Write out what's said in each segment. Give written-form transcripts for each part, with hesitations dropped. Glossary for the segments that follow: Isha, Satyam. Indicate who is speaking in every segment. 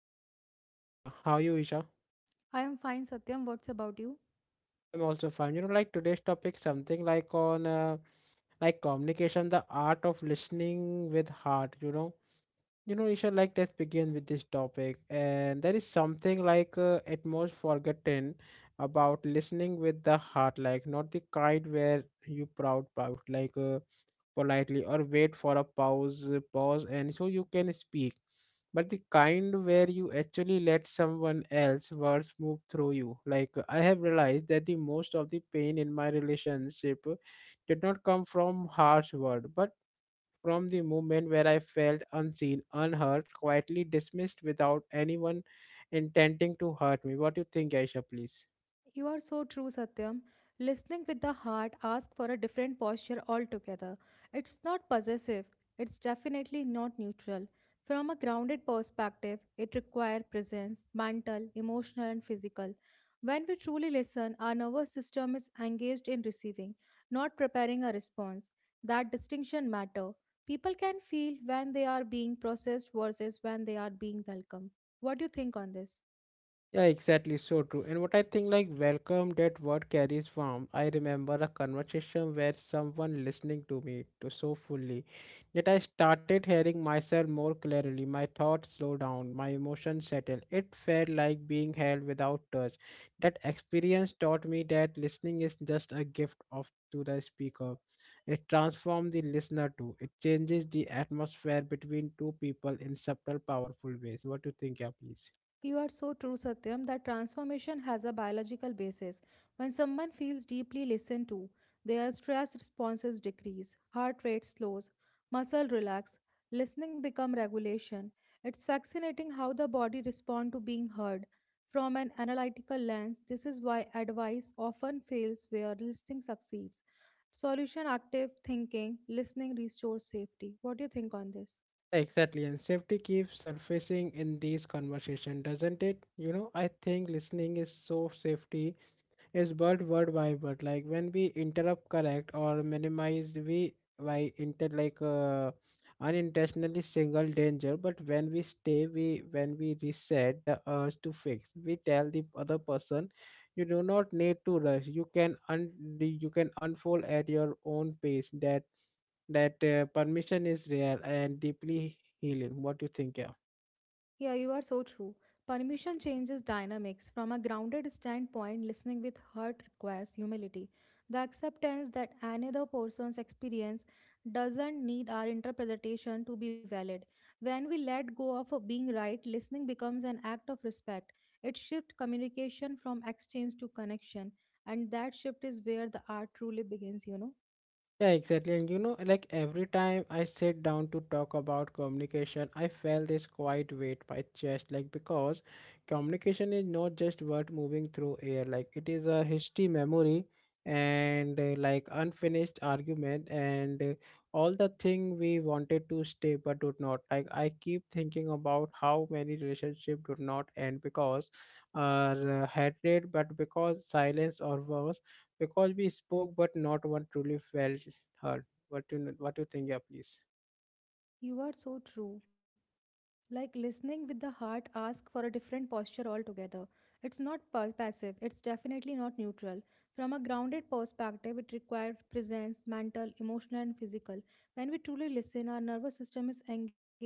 Speaker 1: our co-host Isha. How are you Isha?
Speaker 2: I am fine, Satyam. What's about you?
Speaker 1: I'm also fine. You know today's topic something like on like communication, the art of listening with heart, you know. You know Isha, let's begin with this topic and there is something at most forgotten about listening with the heart, like not the kind where you proud politely or wait for a pause and so you can speak, but the kind where you actually let someone else's words move through you. Like I have realized that the most of the pain in my relationship did not come from harsh words, but from the moment where I felt unseen, unheard, quietly dismissed without anyone intending to hurt me. What do you think, aisha, please?
Speaker 2: You are so true, Satyam. Listening with the heart asks for a different posture altogether. It's not possessive, it's definitely not neutral. From a grounded perspective, it requires presence, mental, emotional, and physical. When we truly listen, our nervous system is engaged in receiving, not preparing a response. That distinction matter. People can feel when they are being processed versus when they are being welcomed. What do you think on this?
Speaker 1: Yeah, exactly. So true. And what I think, like, welcome, that word carries warmth. I remember a conversation where someone listening to me to so fully that I started hearing myself more clearly. My thoughts slow down, my emotions settle. It felt like being held without touch. That experience taught me that listening is just a gift of to the speaker. It transforms the listener too. It changes the atmosphere between two people in subtle, powerful ways. What do you think, yeah, please?
Speaker 2: You are so true, Satyam, that transformation has a biological basis. When someone feels deeply listened to, their stress responses decrease, heart rate slows, muscle relax, listening become regulation. It's fascinating how the body respond to being heard. From an analytical lens, this is why advice often fails where listening succeeds. Solution active thinking, listening restores safety. What do you think on this?
Speaker 1: Exactly, and safety keeps surfacing in these conversation, doesn't it? You know, I think listening is so safety is word by word. Like when we interrupt, correct or minimize, we by inter like unintentionally single danger. But when we stay, we when we reset the urge to fix, we tell the other person, you do not need to rush. You can un you can unfold at your own pace. That permission is rare and deeply healing. What do you think? Yeah.
Speaker 2: Yeah, you are so true. Permission changes dynamics. From a grounded standpoint, listening with heart requires humility. The acceptance that another person's experience doesn't need our interpretation to be valid. When we let go of being right, listening becomes an act of respect. It shifts communication from exchange to connection, and that shift is where the art truly begins, you know.
Speaker 1: Yeah, exactly. And you know, like every time I sit down to talk about communication, I felt this quiet weight my chest, like because communication is not just word moving through air. Like it is a history, memory, and unfinished argument, and all the thing we wanted to stay but did not. Like I keep thinking about how many relationship did not end because, hatred, but because silence, or worse because we spoke but not one truly felt heard. What you think, yeah, please?
Speaker 2: You are so true. Like listening with the heart asks for a different posture altogether. It's not passive, it's definitely not neutral. From a grounded perspective, it requires presence, mental, emotional, and physical. When we truly listen, our nervous system is engaged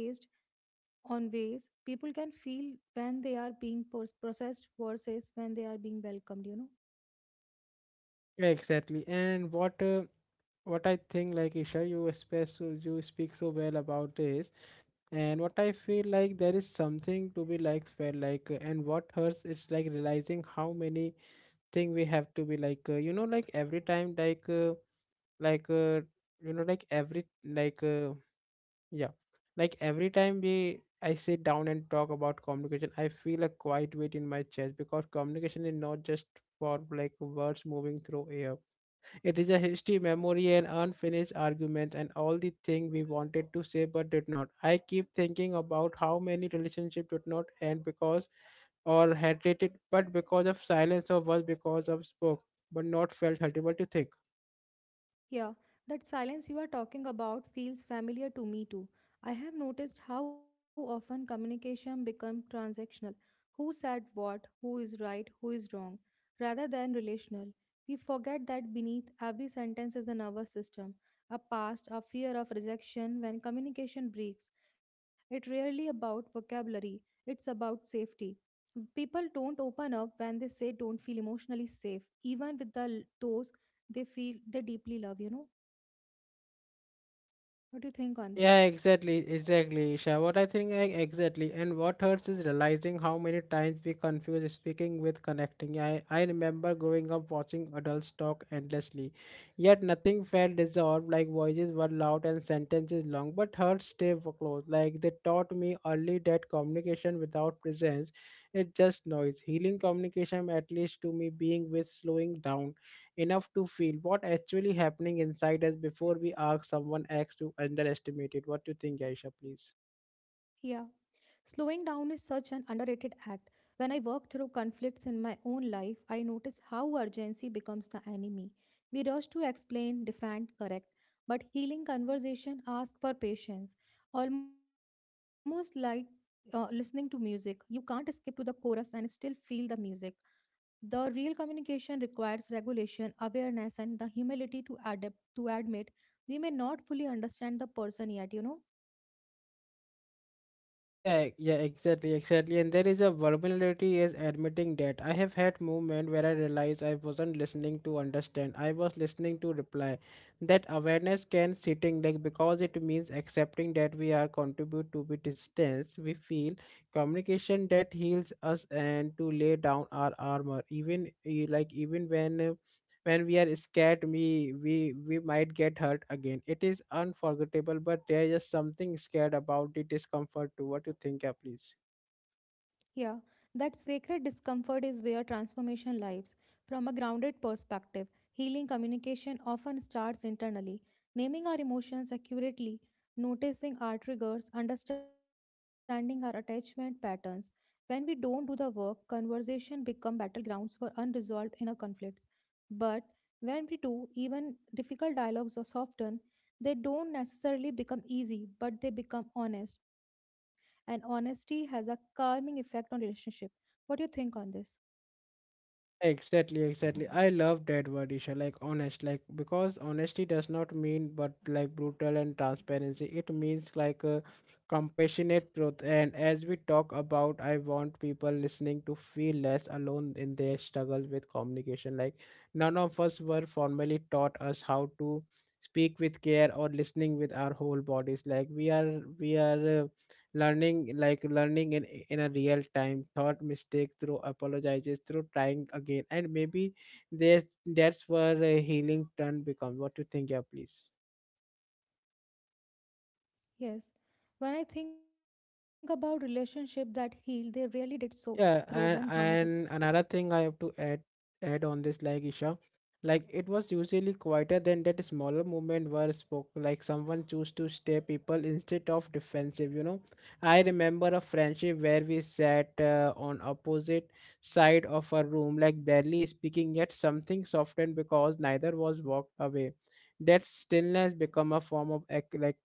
Speaker 2: on ways people can feel when they are being processed versus when they are being welcomed, you know.
Speaker 1: Yeah, exactly. And what I think, like, Isha, you speak so well about this, and what I feel like there is something to be like felt and what hurts is like realizing how many thing we have to be like you know like every time like you know like every like Yeah. Like every time we I sit down and talk about communication, I feel a quiet weight in my chest because communication is not just for words moving through air. It is a history, memory and unfinished arguments and all the thing we wanted to say but did not. I keep thinking about how many relationships did not end because or had it, but because of silence, or was because of spoke but not felt hurtful to think.
Speaker 2: Yeah, that silence you are talking about feels familiar to me too. I have noticed how often communication becomes transactional. Who said what, who is right, who is wrong, rather than relational. We forget that beneath every sentence is a nervous system, a past, a fear of rejection when communication breaks. It's rarely about vocabulary, it's about safety. People don't open up when they say don't feel emotionally safe, even with those they feel they deeply love, you know. What do you think on this?
Speaker 1: Yeah, exactly, exactly, Isha. What I think, exactly, and what hurts is realizing how many times we confuse speaking with connecting. I remember growing up watching adults talk endlessly, yet nothing felt resolved, like voices were loud and sentences long, but hearts close. Like they taught me early that communication without presence is just noise. Healing communication, at least to me, being with slowing down enough to feel what actually happening inside us before we ask someone else to underestimate it. What do you think, Aisha, please?
Speaker 2: Yeah. Slowing down is such an underrated act. When I work through conflicts in my own life, I notice how urgency becomes the enemy. We rush to explain, defend, correct, but healing conversation asks for patience, almost like listening to music. You can't skip to the chorus and still feel the music. The real communication requires regulation, awareness, and the humility to adapt to admit we may not fully understand the person yet, you know.
Speaker 1: Yeah, yeah, exactly, exactly. And there is a vulnerability is admitting that. I have had moment where I realized I wasn't listening to understand. I was listening to reply. That awareness can sitting, like, because it means accepting that we are contribute to be distance. We feel communication that heals us and to lay down our armor. Even even when we are scared, we we might get hurt again. It is unforgettable, but there is something scared about the discomfort too. What you think, yeah, please?
Speaker 2: Yeah, that sacred discomfort is where transformation lives. From a grounded perspective, healing communication often starts internally. Naming our emotions accurately, noticing our triggers, understanding our attachment patterns. When we don't do the work, conversation become battlegrounds for unresolved inner conflicts. But when we do, even difficult dialogues are softened. They don't necessarily become easy, but they become honest, and honesty has a calming effect on relationship. What do you think on this?
Speaker 1: Exactly, exactly. I love that word, Isha. Like honest, like because honesty does not mean but like brutal and transparency. It means like a compassionate truth. And as we talk about, I want people listening to feel less alone in their struggle with communication. Like none of us were formally taught us how to speak with care or listening with our whole bodies. Like we are learning, like learning in a real time thought mistake, through apologizes, through trying again. And maybe there's that's where healing turn becomes. What do you think, yeah, please?
Speaker 2: Yes, when I think about relationship that heal, they rarely did so through
Speaker 1: Yeah,
Speaker 2: one
Speaker 1: and
Speaker 2: drama.
Speaker 1: another thing I have to add on this, like Isha, like it was usually quieter than that smaller movement were spoke. Like someone chose to stay people instead of defensive. You know, I remember a friendship where we sat on opposite side of a room, like barely speaking, yet something softened because neither was walked away. That stillness become a form of ac- like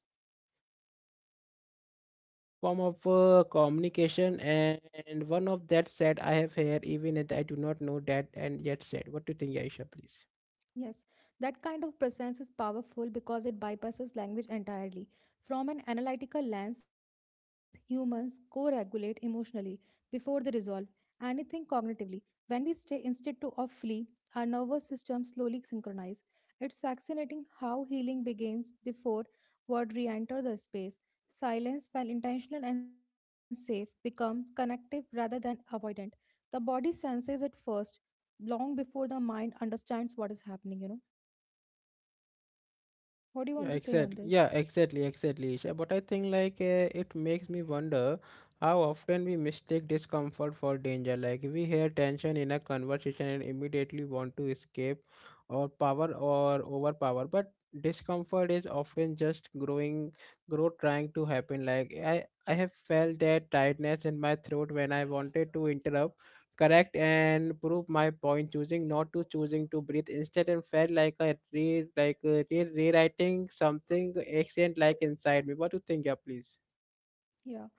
Speaker 1: form of uh, communication, and one of that said I have here even if I do not know that and yet said. What do you think, aisha, please?
Speaker 2: Yes, that kind of presence is powerful because it bypasses language entirely. From an analytical lens, humans co regulate emotionally before they resolve anything cognitively. When we stay instead to or flee, our nervous system slowly synchronizes. It's fascinating how healing begins before word re enter the space. Silence, when intentional and safe, becomes connective rather than avoidant. The body senses it first long before the mind understands what is happening, you know. What do you
Speaker 1: Yeah,
Speaker 2: want to say on
Speaker 1: exactly. Yeah,
Speaker 2: this?
Speaker 1: exactly, exactly, Isha. But I think it makes me wonder how often we mistake discomfort for danger. Like we hear tension in a conversation and immediately want to escape or power or overpower. But discomfort is often just growth trying to happen. Like I have felt that tightness in my throat when I wanted to interrupt correct and prove my point, choosing not to, choosing to breathe instead, and felt like rewriting something ancient like inside me. What do you think, yeah, please?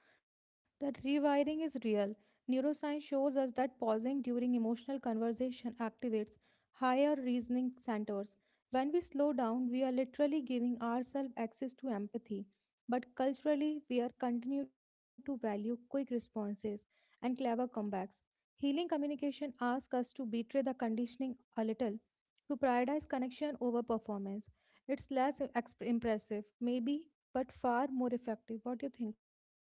Speaker 2: Yeah, that rewiring is real. Neuroscience shows us that pausing during emotional conversation activates higher reasoning centers. When we slow down, we are literally giving ourselves access to empathy. But culturally, we are continue to value quick responses and clever comebacks. Healing communication asks us to betray the conditioning a little who prioritize connection over performance. It's less impressive, maybe, but far more effective. What do you think on this?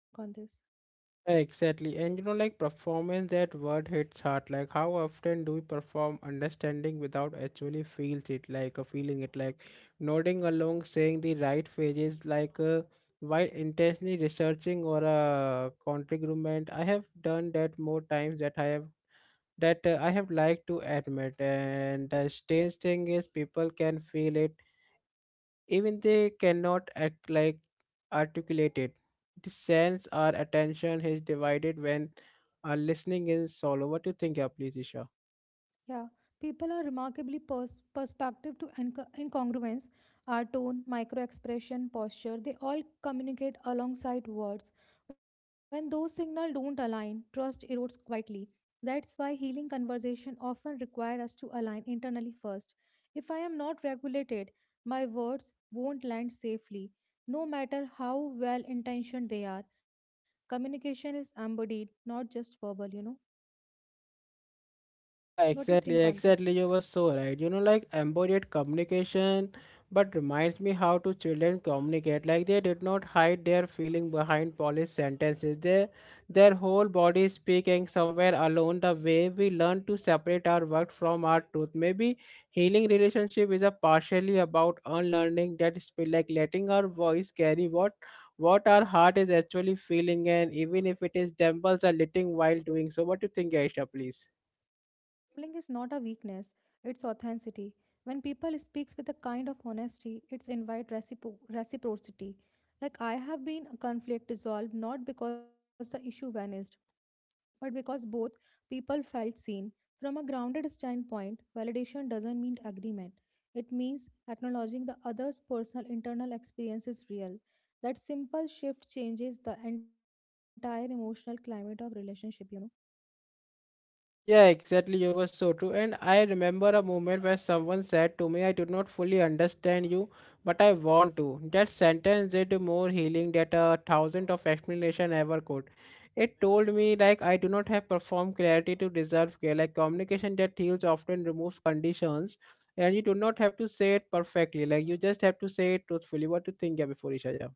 Speaker 1: Exactly. And you know, like performance, that word hits hard. Like how often do we perform understanding without actually feels it, like nodding along saying the right phrases while intentionally researching or a counter argument. I have done that more times that I have liked to admit. And the strange thing is, people can feel it, even they cannot act like articulate it. The sense our attention is divided when our listening is solo. What do you think, yeah, please, Isha?
Speaker 2: Yeah, people are remarkably perspective to incongruence. Our tone, micro expression, posture, they all communicate alongside words. When those signals don't align, trust erodes quietly. That's why healing conversation often require us to align internally first. If I am not regulated, my words won't land safely, no matter how well intentioned they are. Communication is embodied, not just verbal, you know.
Speaker 1: Yeah,
Speaker 2: What do you think
Speaker 1: exactly,
Speaker 2: on this?
Speaker 1: exactly. You were so right. You know, like embodied communication, but reminds me how to children communicate. Like they did not hide their feeling behind polished sentences. Their whole body is speaking somewhere alone. The way we learn to separate our work from our truth. Maybe healing relationship is a partially about unlearning that spill, like letting our voice carry what our heart is actually feeling, and even if it is trembles a little while doing so. What do you think, Aisha? Please.
Speaker 2: Gambling is not a weakness, it's authenticity. When people speaks with a kind of honesty, it's invite reciprocity. Like I have been a conflict resolved not because the issue vanished, but because both people felt seen. From a grounded standpoint, validation doesn't mean agreement. It means acknowledging the other's personal internal experience is real. That simple shift changes the entire emotional climate of relationship, you know.
Speaker 1: Yeah, exactly. You were so true. And I remember a moment where someone said to me, I do not fully understand you, but I want to. That sentence did more healing than a thousand of explanation ever could. It told me like I do not have performed clarity to deserve care. Like communication that heals often removes conditions, and you do not have to say it perfectly. Like you just have to say it truthfully. What to think, yeah, before Isha? Yeah.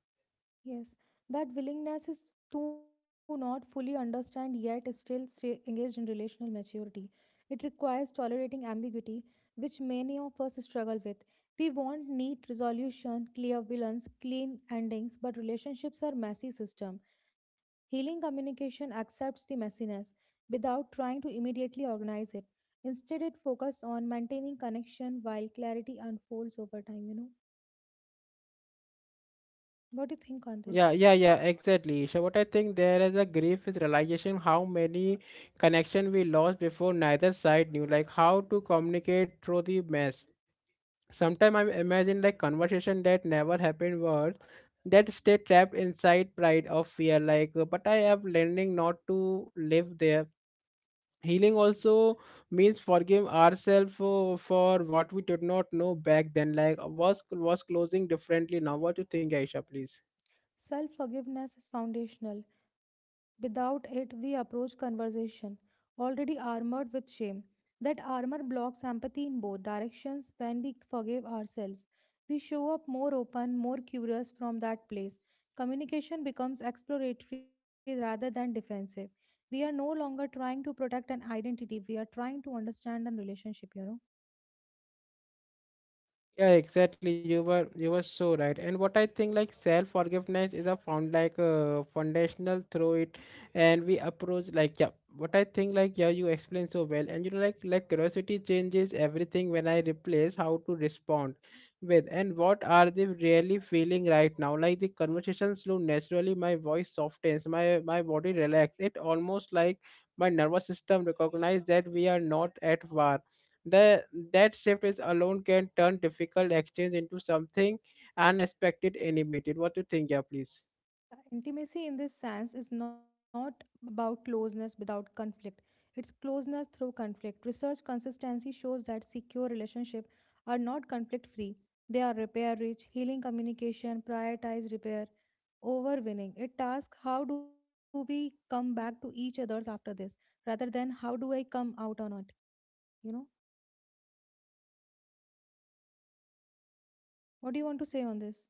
Speaker 2: Yes, that willingness is to not fully understand yet is still stay engaged in relational maturity. It requires tolerating ambiguity, which many of us struggle with. We want neat resolution, clear villains, clean endings, but relationships are messy system. Healing communication accepts the messiness without trying to immediately organize it. Instead, it focuses on maintaining connection while clarity unfolds over time, you know. What do you think on
Speaker 1: Yeah,
Speaker 2: this?
Speaker 1: yeah, yeah, exactly. So what I think, there is a grief is realization how many connection we lost before neither side knew, like how to communicate through the mess. Sometimes I imagine like conversation that never happened, words that stay trapped inside pride or fear. But I am learning not to live there. Healing also means forgive ourselves for what we did not know back then. Like, was closing differently now. What do you think, Aisha? Please.
Speaker 2: Self forgiveness is foundational. Without it, we approach conversation already armored with shame. That armor blocks empathy in both directions when we forgive ourselves. We show up more open, more curious from that place. Communication becomes exploratory rather than defensive. We are no longer trying to protect an identity, we are trying to understand a relationship, you know.
Speaker 1: Yeah, exactly. You were so right. And what I think, like, self forgiveness is a foundational, through it, and we approach like yeah. What I think, like, yeah, you explained so well. And you know, like curiosity changes everything. When I replace how to respond with and what are they really feeling right now, like the conversation flow naturally, my voice softens, my body relax. It almost like my nervous system recognize that we are not at war. The that shift is alone can turn difficult exchange into something unexpected, animated. What do you think, yeah, please?
Speaker 2: Intimacy in this sense is not about closeness without conflict. It's closeness through conflict. Research consistency shows that secure relationships are not conflict free. They are repair rich, healing communication, prioritize repair over winning. It asks how do we come back to each others after this rather than how do I come out on it? You know? What do you want to say on this?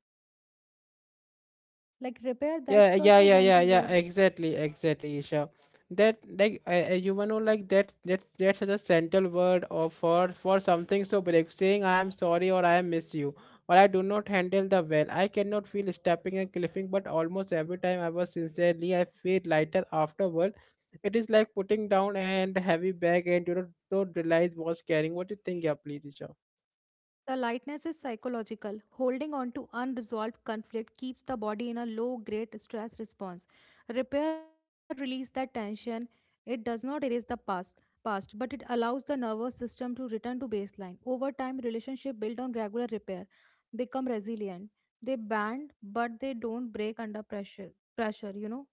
Speaker 2: Like repair, that's
Speaker 1: yeah yeah
Speaker 2: such a
Speaker 1: yeah yeah
Speaker 2: gentle
Speaker 1: yeah
Speaker 2: word.
Speaker 1: exactly, exactly, Isha. That like a human who like that's the central word or for something so brave, saying I am sorry or I miss you or I do not handle the well I cannot feel stepping and cliffing, but almost every time I was sincerely I feel lighter afterward. It is like putting down and heavy bag and you don't realize was carrying. What do you think? Yeah, please, Isha.
Speaker 2: The lightness is psychological. Holding on to unresolved conflict keeps the body in a low grade stress response. Repair releases that tension. It does not erase the past, but it allows the nervous system to return to baseline. Over time, relationships built on regular repair become resilient. They bend, but they don't break under pressure. Pressure, you know.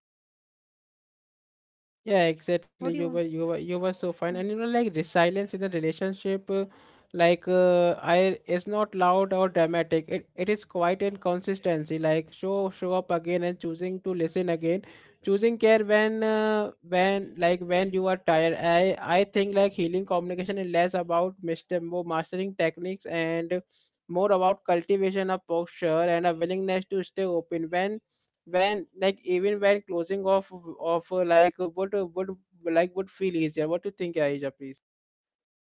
Speaker 1: Yeah,
Speaker 2: What do you
Speaker 1: exactly.
Speaker 2: want?
Speaker 1: You were so
Speaker 2: Hmm.
Speaker 1: fine, and you know, like resilience in the relationship, like I it's not loud or dramatic. It is quiet and consistency. Like show up again and choosing to listen again, choosing care when like when you are tired. I think like healing communication is less about master more mastering techniques and more about cultivation of posture and a willingness to stay open when like even when closing off of like would like would feel easier. What do you think, Aisha, please?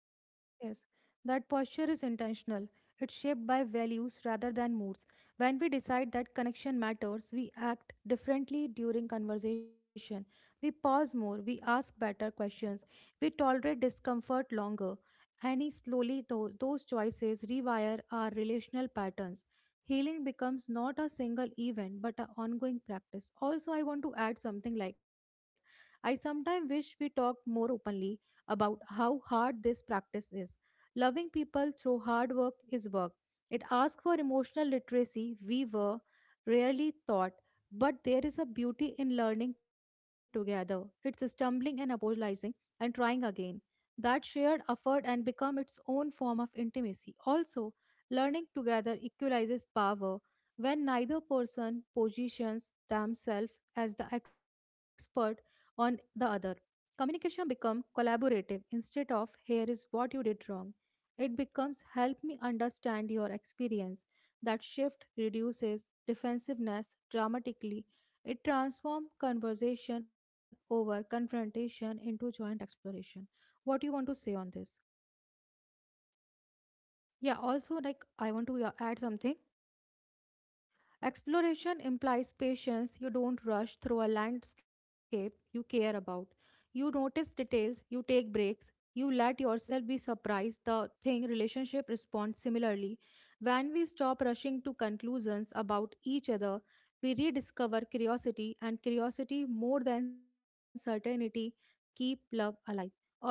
Speaker 2: Yes, that posture is intentional. It's shaped by values rather than moods. When we decide that connection matters, we act differently during conversation. We pause more, we ask better questions, we tolerate discomfort longer. And slowly, those choices rewire our relational patterns. Healing becomes not a single event but an ongoing practice. Also, I want to add something like I sometimes wish we talked more openly about how hard this practice is. Loving people through hard work is work. It asks for emotional literacy we were rarely taught, but there is a beauty in learning together. It's stumbling and apologizing and trying again. That shared effort and become its own form of intimacy. Also, learning together equalizes power when neither person positions themselves as the expert on the other. Communication becomes collaborative instead of here is what you did wrong. It becomes help me understand your experience. That shift reduces defensiveness dramatically. It transforms conversation over confrontation into joint exploration. What do you want to say on this? Yeah, also like I want to, yeah, add something. Exploration implies patience. You don't rush through a landscape you care about. You notice details, you take breaks, you let yourself be surprised. The thing relationship responds similarly. When we stop rushing to conclusions about each other, we rediscover curiosity, and curiosity more than certainty keep love alive. Also,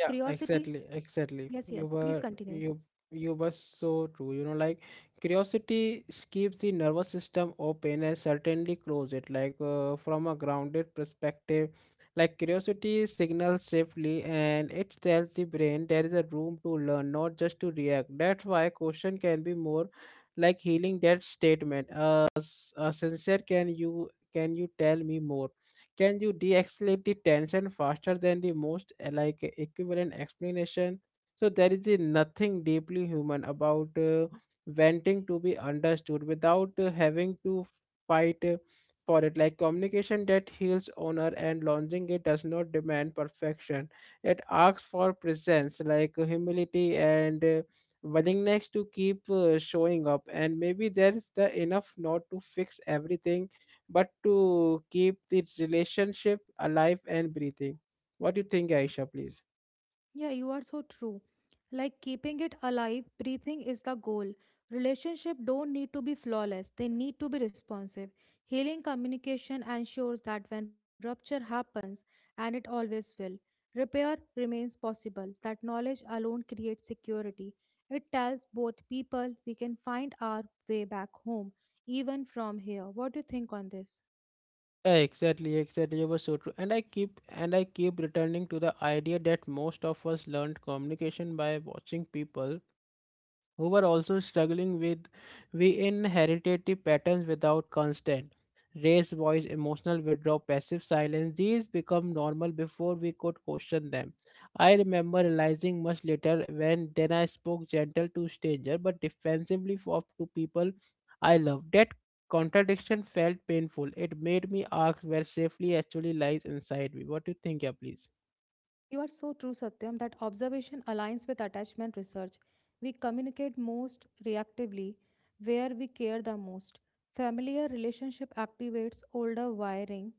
Speaker 1: Yeah, exactly,
Speaker 2: Yes,
Speaker 1: exactly.
Speaker 2: yes,
Speaker 1: You
Speaker 2: please
Speaker 1: were
Speaker 2: continue.
Speaker 1: you you were so true. You know, like curiosity keeps the nervous system open and certainly close it. Like from a grounded perspective, like curiosity signals safely and it tells the brain there is a room to learn, not just to react. That's why question can be more like healing that statement. Sincere, can you tell me more? Can you de-escalate the tension faster than the most like equivalent explanation? So there is a nothing deeply human about wanting to be understood without having to fight for it. Like communication that heals honor and launching it does not demand perfection. It asks for presence, like humility and willingness to keep showing up. And maybe there is the enough not to fix everything but to keep the relationship alive and breathing. What do you think, Aisha, please?
Speaker 2: Yeah, you are so true. Like keeping it alive, breathing is the goal. Relationship don't need to be flawless, they need to be responsive. Healing communication ensures that when rupture happens, and it always will, repair remains possible. That knowledge alone creates security. It tells both people we can find our way back home, even from here. What do you think on this?
Speaker 1: Yeah, exactly, exactly. You were so true. And I keep returning to the idea that most of us learned communication by watching people who were also struggling with we inherited the patterns without constant raised voice emotional withdrawal passive silence. These become normal before we could question them. I remember realizing much later when then I spoke gentle to stranger but defensively for to people I loved. That contradiction felt painful. It made me ask where safely actually lies inside me. What do you think? Yeah, please.
Speaker 2: You are so true, Satyam, that observation aligns with attachment research. We communicate most reactively where we care the most. Familiar relationship activates older wiring.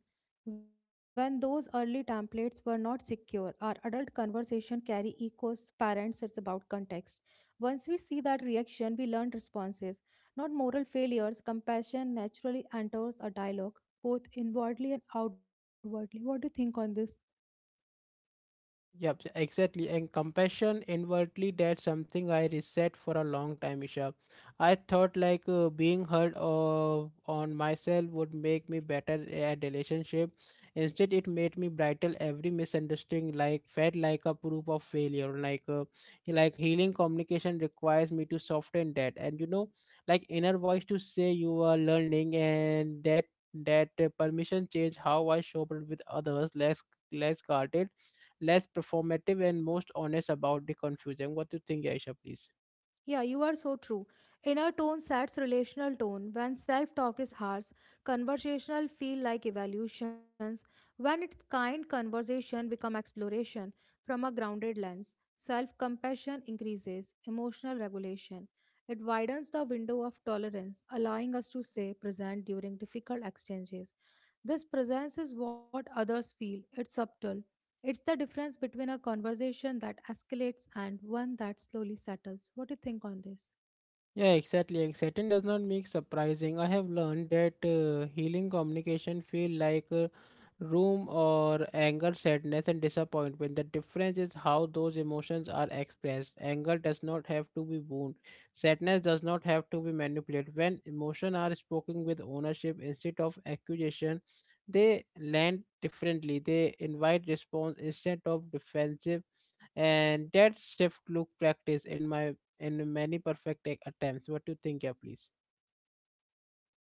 Speaker 2: When those early templates were not secure, our adult conversation carry echoes. Parents, it's about context. Once we see that reaction, we learn responses, not moral failures. Compassion naturally enters a dialogue, both inwardly and outwardly. What do you think on this?
Speaker 1: Yep, exactly. And compassion inwardly, that's something I reset for a long time, Isha. I thought like being hurt on myself would make me better at relationship. Instead, it made me bridle every misunderstanding, like felt like a proof of failure. Like healing communication requires me to soften that, and you know, like inner voice to say you are learning, and that permission change how I show up with others, less less guarded, less performative and most honest about the confusion. What do you think, Aisha, please?
Speaker 2: Yeah, you are so true. Inner tone sets relational tone. When self-talk is harsh, conversational feel like evaluations. When it's kind, conversation become exploration from a grounded lens. Self-compassion increases emotional regulation. It widens the window of tolerance, allowing us to stay present during difficult exchanges. This presence is what others feel. It's subtle, it's the difference between a conversation that escalates and one that slowly settles. What do you think on this?
Speaker 1: Yeah, exactly. Exciting does not make surprising. I have learned that healing communication feel like room or anger, sadness, and disappointment. The difference is how those emotions are expressed. Anger does not have to be wound. Sadness does not have to be manipulated. When emotions are spoken with ownership instead of accusation, they land differently. They invite response instead of defensive, and that shift look practice in my in many perfect attempts. What do you think? Yeah, please.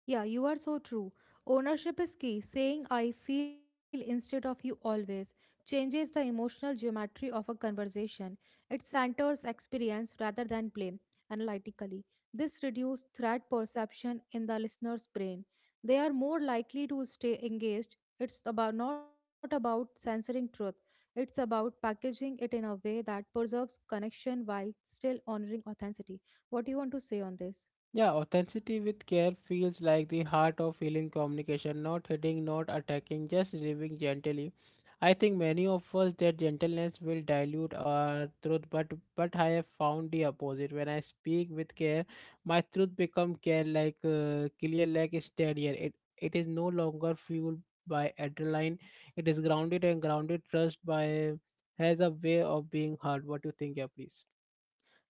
Speaker 2: Yeah, you are so true. Ownership is key. Saying I feel instead of you always changes the emotional geometry of a conversation. It centers experience rather than blame analytically. This reduces threat perception in the listener's brain. They are more likely to stay engaged. It's about not about censoring truth. It's about packaging it in a way that preserves connection while still honoring authenticity. What do you want to say on this?
Speaker 1: Yeah, authenticity with care feels like the heart of healing communication, not hitting, not attacking, just living gently. I think many of us that gentleness will dilute our truth, but I have found the opposite. When I speak with care, my truth become care like clear, like steadier. It is no longer fueled by adrenaline. It is grounded and grounded trust by has a way of being heard. What do you think? Yeah, please.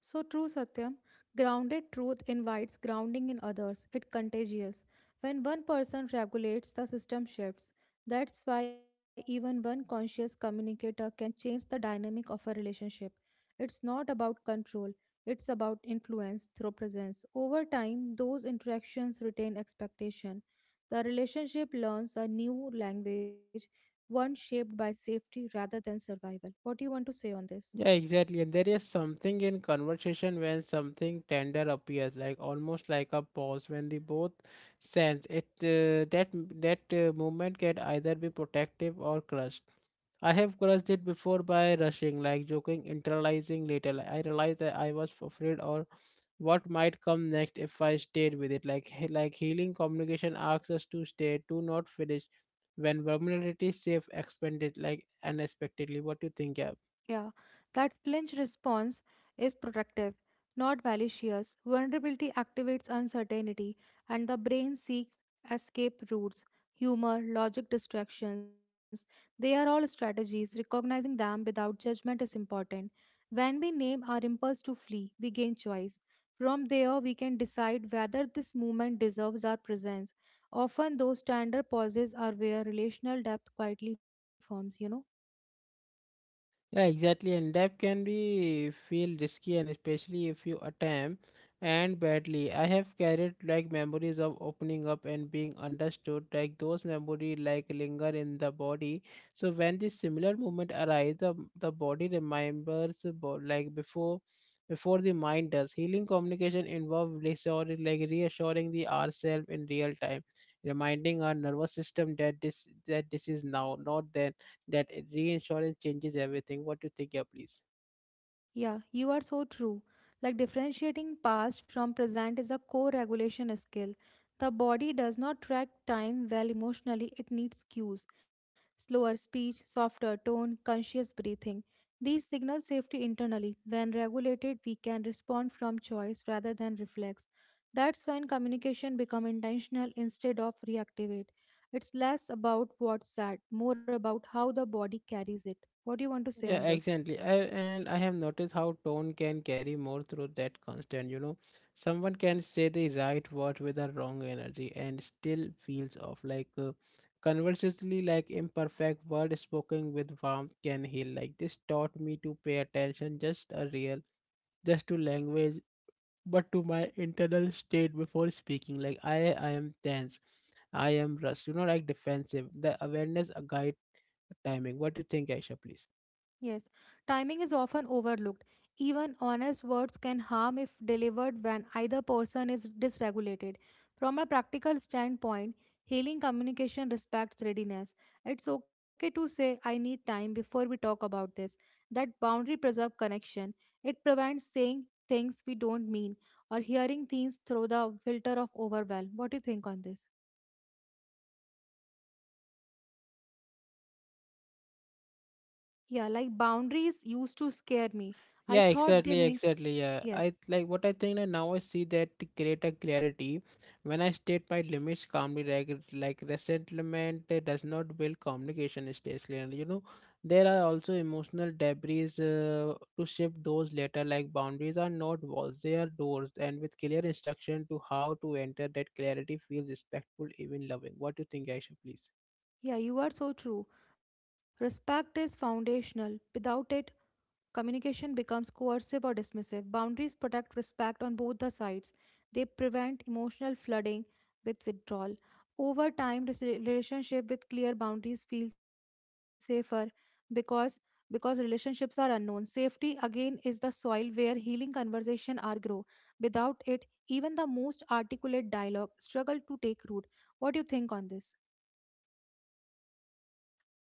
Speaker 2: So true Satyam, grounded truth invites grounding in others. It contagious. When one person regulates, the system shifts. That's why even one conscious communicator can change the dynamic of a relationship. It's not about control, it's about influence through presence. Over time, those interactions retain expectation. The relationship learns a new language, one shaped by safety rather than survival. What do you want to say on this?
Speaker 1: Yeah, exactly. And there is something in conversation when something tender appears, like almost like a pause when they both sense it. That movement can either be protective or crushed. I have crushed it before by rushing, like joking, internalizing later. Like, I realized that I was afraid or what might come next if I stayed with it. Like healing communication asks us to stay, to not finish. When vulnerability safe expanded like unexpectedly. What do you think, Gab?
Speaker 2: Yeah, that flinch response is protective, not malicious. Vulnerability activates uncertainty, and the brain seeks escape routes. Humor, logic distractions, they are all strategies. Recognizing them without judgment is important. When we name our impulse to flee, we gain choice. From there, we can decide whether this movement deserves our presence. Often, those tender pauses are where relational depth quietly forms, you know.
Speaker 1: Yeah, exactly, and that can be feel risky, and especially if you attempt and badly. I have carried like memories of opening up and being understood, like those memory like linger in the body. So when this similar moment arises, the body remembers about like before the mind does. Healing communication involves reassuring like reassuring the ourselves in real time, reminding our nervous system that this is now, not then, that reinsurance changes everything. What do you think? Yeah, please.
Speaker 2: Yeah, you are so true. Like differentiating past from present is a core regulation skill. The body does not track time well emotionally, it needs cues slower speech, softer tone, conscious breathing. These signal safety internally. When regulated, we can respond from choice rather than reflex. That's when communication becomes intentional instead of reactivate. It's less about what's said, more about how the body carries it. What do you want to say on
Speaker 1: Yeah,
Speaker 2: this?
Speaker 1: exactly. I have noticed how tone can carry more through that constant, you know. Someone can say the right word with the wrong energy and still feels off. Like conversely, like imperfect word spoken with warmth can heal. Like this taught me to pay attention just a real just to language but to my internal state before speaking. Like I am tense. I am rushed, you know, like defensive. The awareness guides timing. What do you think, Aisha, please?
Speaker 2: Yes, timing is often overlooked. Even honest words can harm if delivered when either person is dysregulated. From a practical standpoint, healing communication respects readiness. It's okay to say, I need time before we talk about this. That boundary preserves connection. It prevents saying things we don't mean or hearing things through the filter of overwhelm. What do you think on this? Yeah, like boundaries used to scare me. I
Speaker 1: Yeah,
Speaker 2: thought they
Speaker 1: exactly,
Speaker 2: meant
Speaker 1: exactly. Yeah, I
Speaker 2: yes.
Speaker 1: like what I think that now I see that greater clarity when I state my limits calmly, like resentment does not build communication stage, and you know, there are also emotional debris to shift those later. Like boundaries are not walls; they are doors, and with clear instruction to how to enter, that clarity feels respectful, even loving. What do you think, Aisha, please?
Speaker 2: Yeah, you are so true. Respect is foundational. Without it, communication becomes coercive or dismissive. Boundaries protect respect on both the sides. They prevent emotional flooding with withdrawal. Over time, relationship with clear boundaries feel safer because because relationships are unknown. Safety again is the soil where healing conversation are grow. Without it, even the most articulate dialogue struggle to take root. What do you think on this?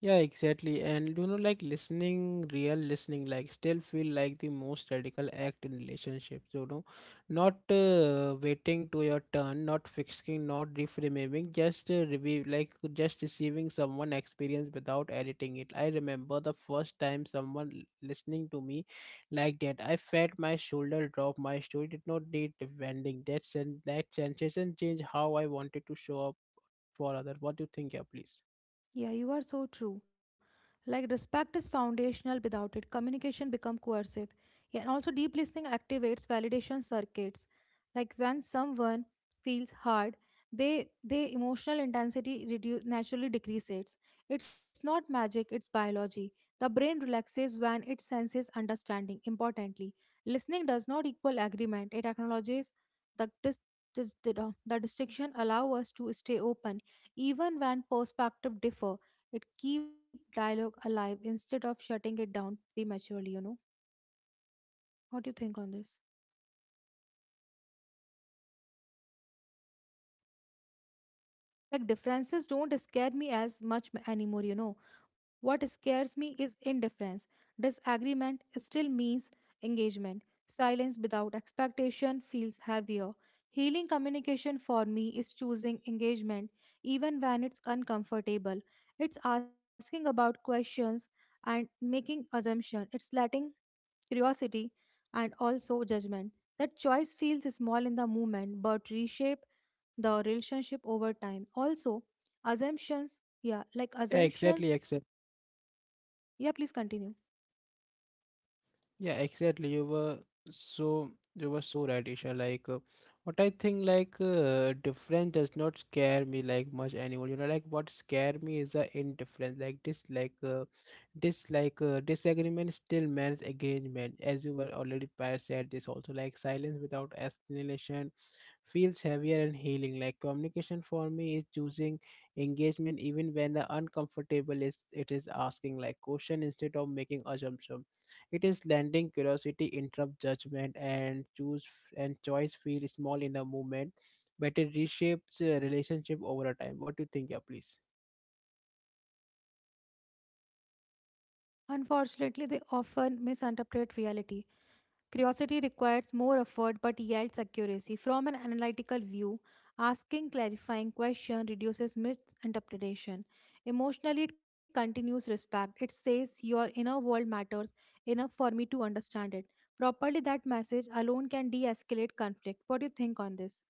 Speaker 1: Yeah, exactly. And you know, like listening, real listening, like still feel like the most radical act in relationships. You know, not waiting to your turn, not fixing, not reframing, just review, like just receiving someone experience without editing it. I remember the first time someone listening to me like that. I felt my shoulder drop. My story did not need defending. That sensation changed how I wanted to show up for others. What do you think? Yeah, please.
Speaker 2: Yeah, you are so true. Like respect is foundational. Without it, communication become coercive. Yeah, and also deep listening activates validation circuits. Like when someone feels hard, they emotional intensity reduce naturally decreases. It's not magic, it's biology. The brain relaxes when it senses understanding. Importantly, listening does not equal agreement. It acknowledges the dis- the distinction allow us to stay open even when perspective differ, it keep dialogue alive instead of shutting it down prematurely, you know. What do you think on this? Like differences don't scare me as anymore, you know. What scares me is indifference. Disagreement still means engagement. Silence without expectation feels heavier. Healing communication for me is choosing engagement even when it's uncomfortable. It's asking about questions and making assumption. It's letting curiosity, and also judgment. That choice feels small in the moment but reshape the relationship over time. Also, assumptions, yeah, like
Speaker 1: Yeah, exactly,
Speaker 2: assumptions,
Speaker 1: exactly.
Speaker 2: yeah, please continue.
Speaker 1: Yeah, exactly. You were so right, Isha. Like, what I think, like, difference does not scare me like much anymore. You know, like what scare me is the indifference, like this, like, this, like, disagreement still means engagement, as you were already prior said this also. Like, silence without explanation feels heavier and healing. Like, communication for me is choosing engagement even when the uncomfortable is it is asking like question instead of making assumption, it is landing curiosity interrupt judgment, and choice feel small in the moment, but it reshapes relationship over a time. What do you think? Yeah, please.
Speaker 2: Unfortunately, they often misinterpret reality. Curiosity requires more effort but yields accuracy. From an analytical view, asking clarifying question reduces misinterpretation. Emotionally, it continues respect. It says your inner world matters enough for me to understand it. Properly, that message alone can de-escalate conflict. What do you think on this?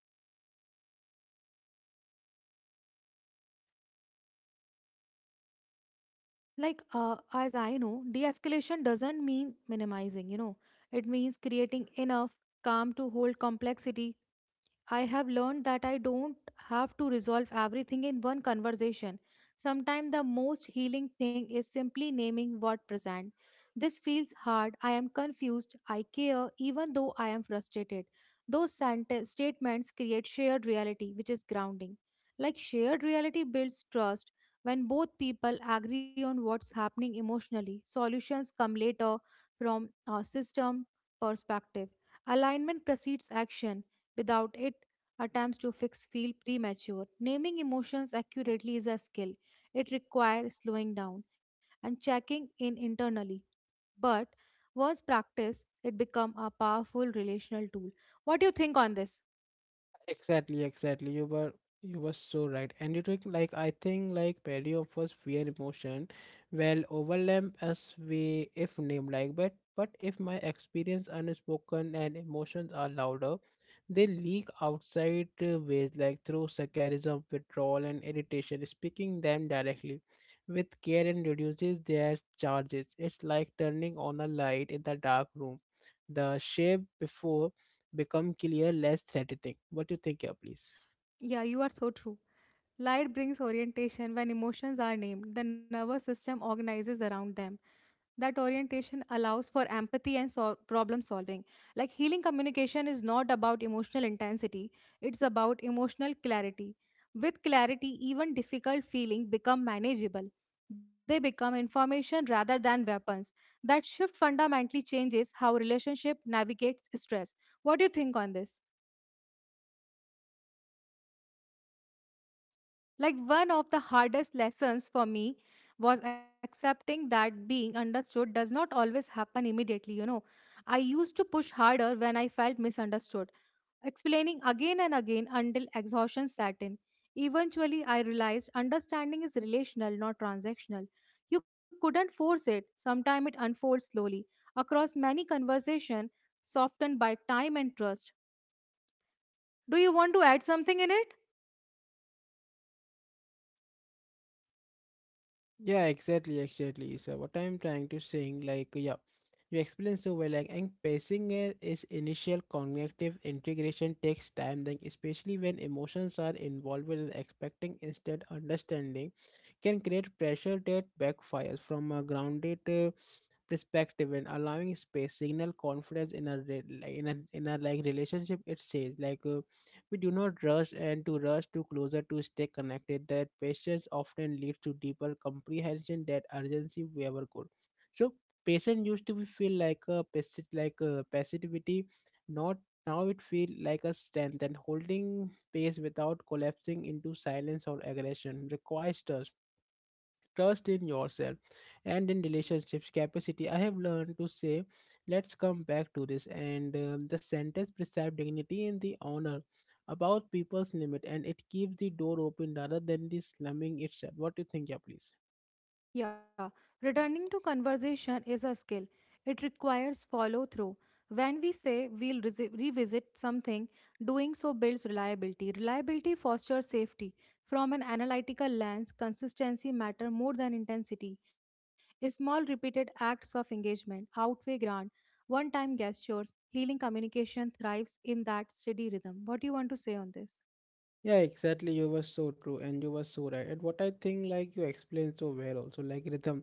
Speaker 2: Like, as I know, de-escalation doesn't mean minimizing. You know, it means creating enough calm to hold complexity. I have learned that I don't have to resolve everything in one conversation. Sometimes the most healing thing is simply naming what present. This feels hard. I am confused. I care even though I am frustrated. Those statements create shared reality, which is grounding. Like shared reality builds trust. When both people agree on what's happening emotionally, solutions come later from a system perspective. Alignment precedes action. Without it, attempts to fix feel premature. Naming emotions accurately is a skill. It requires slowing down and checking in internally. But once practiced, it becomes a powerful relational tool. What do you think on this?
Speaker 1: Exactly, exactly. You were so right. And you took like I think like many of us fear emotion well overlap as we if name like but if my experience unspoken and emotions are louder, they leak outside ways like through sarcasm, withdrawal and irritation, speaking them directly with care and reduces their charges. It's like turning on a light in the dark room. The shape before become clear, less threatening. What do you think here, please?
Speaker 2: Yeah, you are so true. Light brings orientation when emotions are named. The nervous system organizes around them. That orientation allows for empathy and problem solving. Like healing communication is not about emotional intensity, it's about emotional clarity. With clarity, even difficult feeling become manageable. They become information rather than weapons. That shift fundamentally changes how relationship navigates stress. What do you think on this? Like one of the hardest lessons for me was accepting that being understood does not always happen immediately, you know. I used to push harder when I felt misunderstood, explaining again and again until exhaustion set in. Eventually, I realized understanding is relational, not transactional. You couldn't force it. Sometimes it unfolds slowly across many conversations, softened by time and trust. Do you want to add something in it?
Speaker 1: Yeah, exactly, exactly. So what I'm trying to saying, like, yeah, you explained so well, like, and pacing is initial cognitive integration takes time, then especially when emotions are involved with expecting instead understanding can create pressure that backfires from a grounded perspective, and allowing space signal confidence in a like, in a like relationship. It says like we do not rush and to rush to closer to stay connected, that patience often leads to deeper comprehension that urgency we ever could. So patience used to be feel like a like a passivity, not now it feel like a strength, and holding pace without collapsing into silence or aggression requires trust, trust in yourself and in relationships capacity. I have learned to say let's come back to this, and the sentence preserve dignity in the honor about people's limit, and it keeps the door open rather than the slamming itself. What do you think? Yeah, please.
Speaker 2: Yeah, returning to conversation is a skill. It requires follow through. When we say we'll revisit something, doing so builds reliability. Reliability fosters safety. From an analytical lens, consistency matter more than intensity. Small repeated acts of engagement outweigh grand one-time gestures. Healing communication thrives in that steady rhythm. What do you want to say on this?
Speaker 1: Yeah, exactly. You were so true and you were so right. And what I think, like you explained so well, also like rhythm.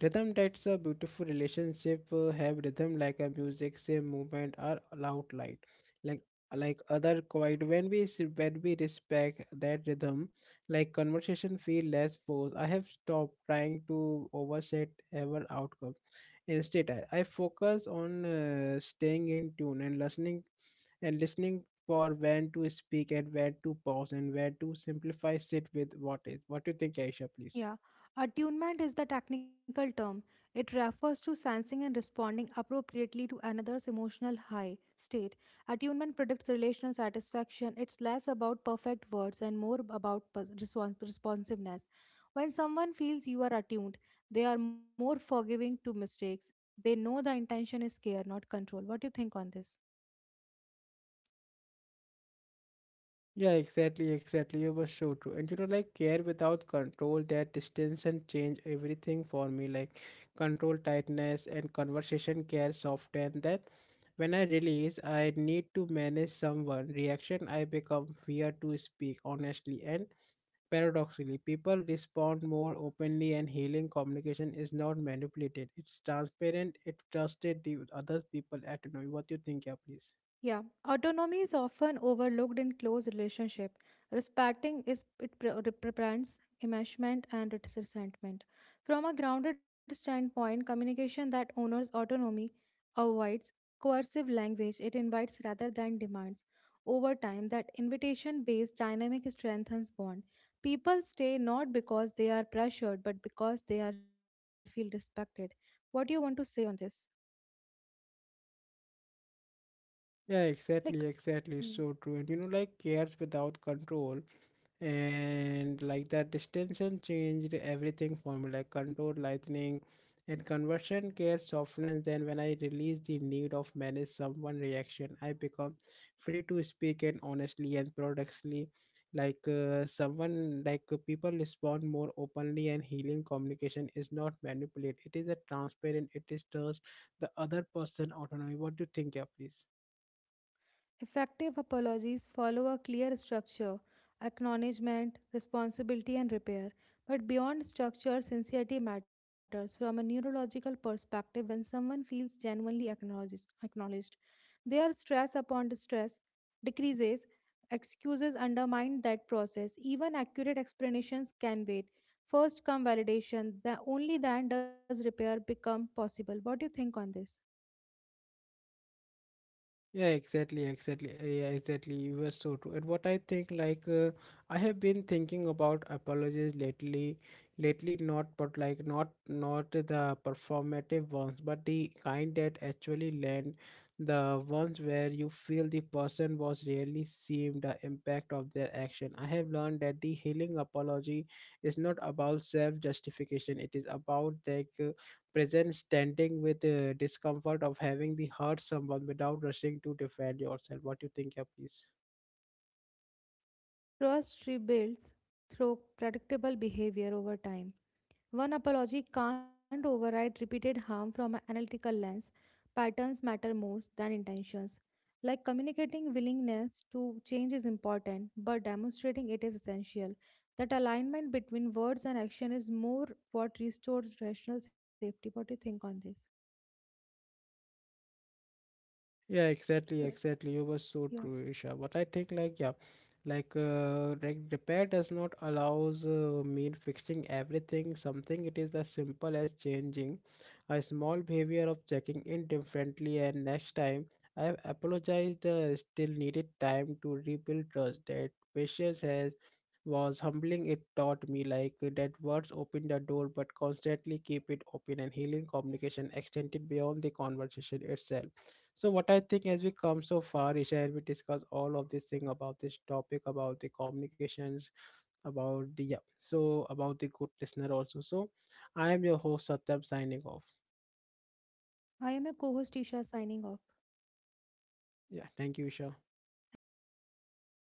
Speaker 1: Rhythm, that's a beautiful relationship. Have rhythm like a music, same movement or loud light, like like other quiet. When we respect that rhythm, like conversation feel less forced. I have stopped trying to overset ever outcome. Instead, I focus on staying in tune and listening for when to speak and when to pause and when to simplify sit with what is. What do you think, Aisha, please?
Speaker 2: Yeah, attunement is the technical term. It refers to sensing and responding appropriately to another's emotional high state. Attunement predicts relational satisfaction. It's less about perfect words and more about responsiveness. When someone feels you are attuned, they are more forgiving to mistakes. They know the intention is care, not control. What do you think on this?
Speaker 1: Yeah, exactly, exactly. You were so true. And you know, like care without control, that distance and change everything for me. Like control tightness and conversation care soften that. When I release, I need to manage someone reaction. I become fear to speak honestly, and paradoxically, people respond more openly, and healing communication is not manipulated. It's transparent. It trusted the other people autonomy. What do you think? Yeah, please.
Speaker 2: Yeah, autonomy is often overlooked in close relationship. Respecting is it prevents enmeshment and resentment. From a grounded standpoint, communication that honors autonomy avoids coercive language. It invites rather than demands. Over time, that invitation-based dynamic strengthens bond. People stay not because they are pressured, but because they are feel respected. What do you want to say on this?
Speaker 1: Yeah,
Speaker 2: Like,
Speaker 1: exactly, exactly. So true. And you know, like cares without control and like that distinction changed everything for me. Like control lightning and conversion care softness, then when I release the need of manage someone reaction, I become free to speak and honestly and productively. Like someone like people respond more openly and healing communication is not manipulate, it is a transparent, it is trust the other person autonomy. What do you think? Yeah, please.
Speaker 2: effective apologies follow a clear structure acknowledgement, responsibility, and repair. But beyond structure, sincerity matters from a neurological perspective when someone feels genuinely acknowledged. Their stress upon distress decreases, excuses undermine that process. Even accurate explanations can wait. First come validation, the only then does repair become possible. What do you think on this?
Speaker 1: Yeah, exactly, exactly. Yeah, exactly. You were so true. And what I think, like, I have been thinking about apologies lately, lately not, but like not, not the performative ones, but the kind that actually land, the ones where you feel the person was really seeing the impact of their action. I have learned that the healing apology is not about self-justification. It is about that present standing with the discomfort of having the hurt someone without rushing to defend yourself. What do you think? Yeah, please.
Speaker 2: Trust rebuilds through predictable behavior over time. One apology can't override repeated harm from an analytical lens. Patterns matter more than intentions. Like communicating willingness to change is important, but demonstrating it is essential. That alignment between words and action is more what restores rational safety. What do you think on this?
Speaker 1: Yeah,
Speaker 2: Hello.
Speaker 1: exactly, exactly. You were so
Speaker 2: Yeah.
Speaker 1: true, Isha. But I think like yeah, like repair does not allows mean fixing everything. Something it is as simple as changing a small behavior of checking in differently, and next time I have apologized. Still needed time to rebuild trust. That patience has was humbling. It taught me like that words open the door, but constantly keep it open, and healing communication extended beyond the conversation itself. So what I think as we come so far, Isha, as we discuss all of this thing about this topic, about the communications, about the yeah, so about the good listener also. So I am your host Satyam signing off.
Speaker 2: I am your co host Isha signing off.
Speaker 1: Yeah, thank you, Isha.
Speaker 2: Thank you, Satyam.